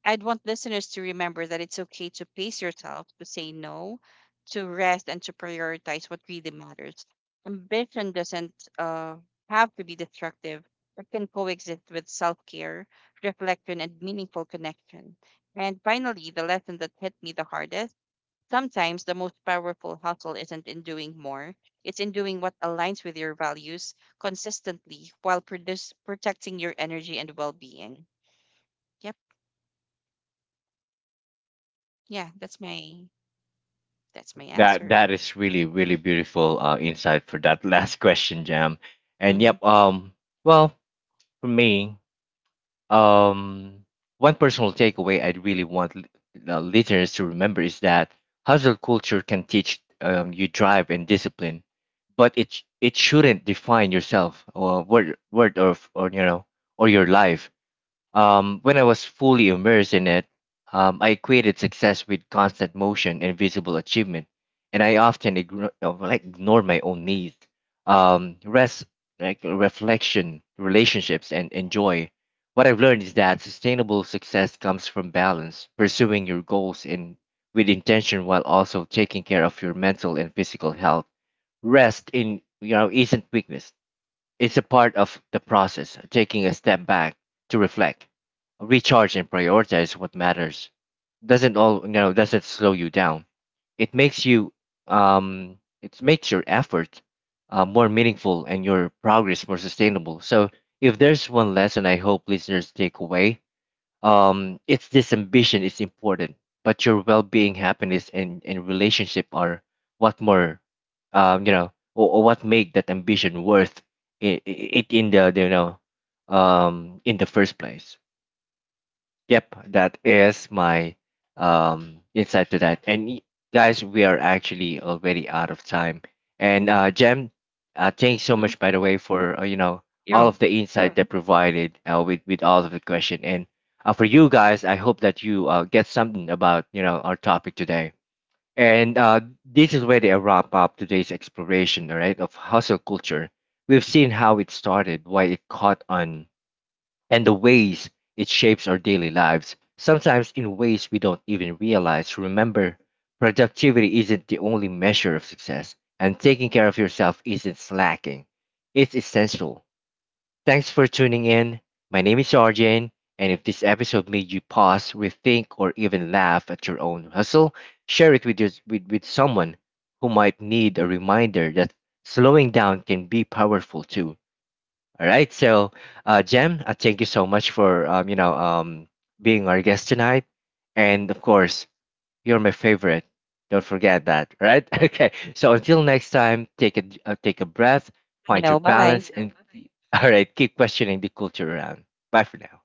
B: I'd want listeners to remember that it's okay to pace yourself, to say no, to rest, and to prioritize what really matters. Ambition doesn't uh, have to be destructive, it can coexist with self care, reflection, and meaningful connection. And finally, the lesson that hit me the hardest, sometimes the most powerful hustle isn't in doing more, it's in doing what aligns with your values consistently while protecting your energy and well being. Yep. Yeah, that's my That's my
A: That
B: answer.
A: that is really really beautiful insight for that last question, Jam.
B: Mm
A: And
B: hmm
A: yep, well, for me, um, one personal takeaway I would really want the listeners to remember is that hustle culture can teach you drive and discipline, but it shouldn't define yourself or you know or your life. When I was fully immersed in it, I equated success with constant motion and visible achievement, and I often ignore my own needs, rest, like reflection, relationships, and joy. What I've learned is that sustainable success comes from balance, pursuing your goals in with intention while also taking care of your mental and physical health. Rest in you know isn't weakness; it's a part of the process, taking a step back to reflect, recharge, and prioritize what matters. Doesn't all you know? Doesn't slow you down. It makes you it makes your effort more meaningful and your progress more sustainable. So, if there's one lesson I hope listeners take away, it's this: ambition is important, but your well-being, happiness, and relationship are what more, or what make that ambition worth it in the in the first place. Yep, that is my insight to that. And guys, we are actually already out of time. And Jem, thanks so
B: hmm.
A: much by the way for all
B: Welcome.
A: of the insight that provided, with all of the question. And for you guys, I hope that you get something about you know our topic today. And this is where they wrap up today's exploration, all right, of hustle culture. We've seen how it started, why it caught on, and the ways it shapes our daily lives, sometimes in ways we don't even realize. Remember, productivity isn't the only measure of success, and taking care of yourself isn't slacking, it's essential. Thanks for tuning in. My name is Arjane, and if this episode made you pause, rethink, or even laugh at your own hustle, share it with someone who might need a reminder that slowing down can be powerful too. All right. So, Jem, thank you so much for being our guest tonight, and of course, you're my favorite. Don't forget that, right? Okay. So until next time, take a breath,
B: You
A: find your
B: know, bye bye.
A: balance, and all right, keep questioning the culture around. Bye for now.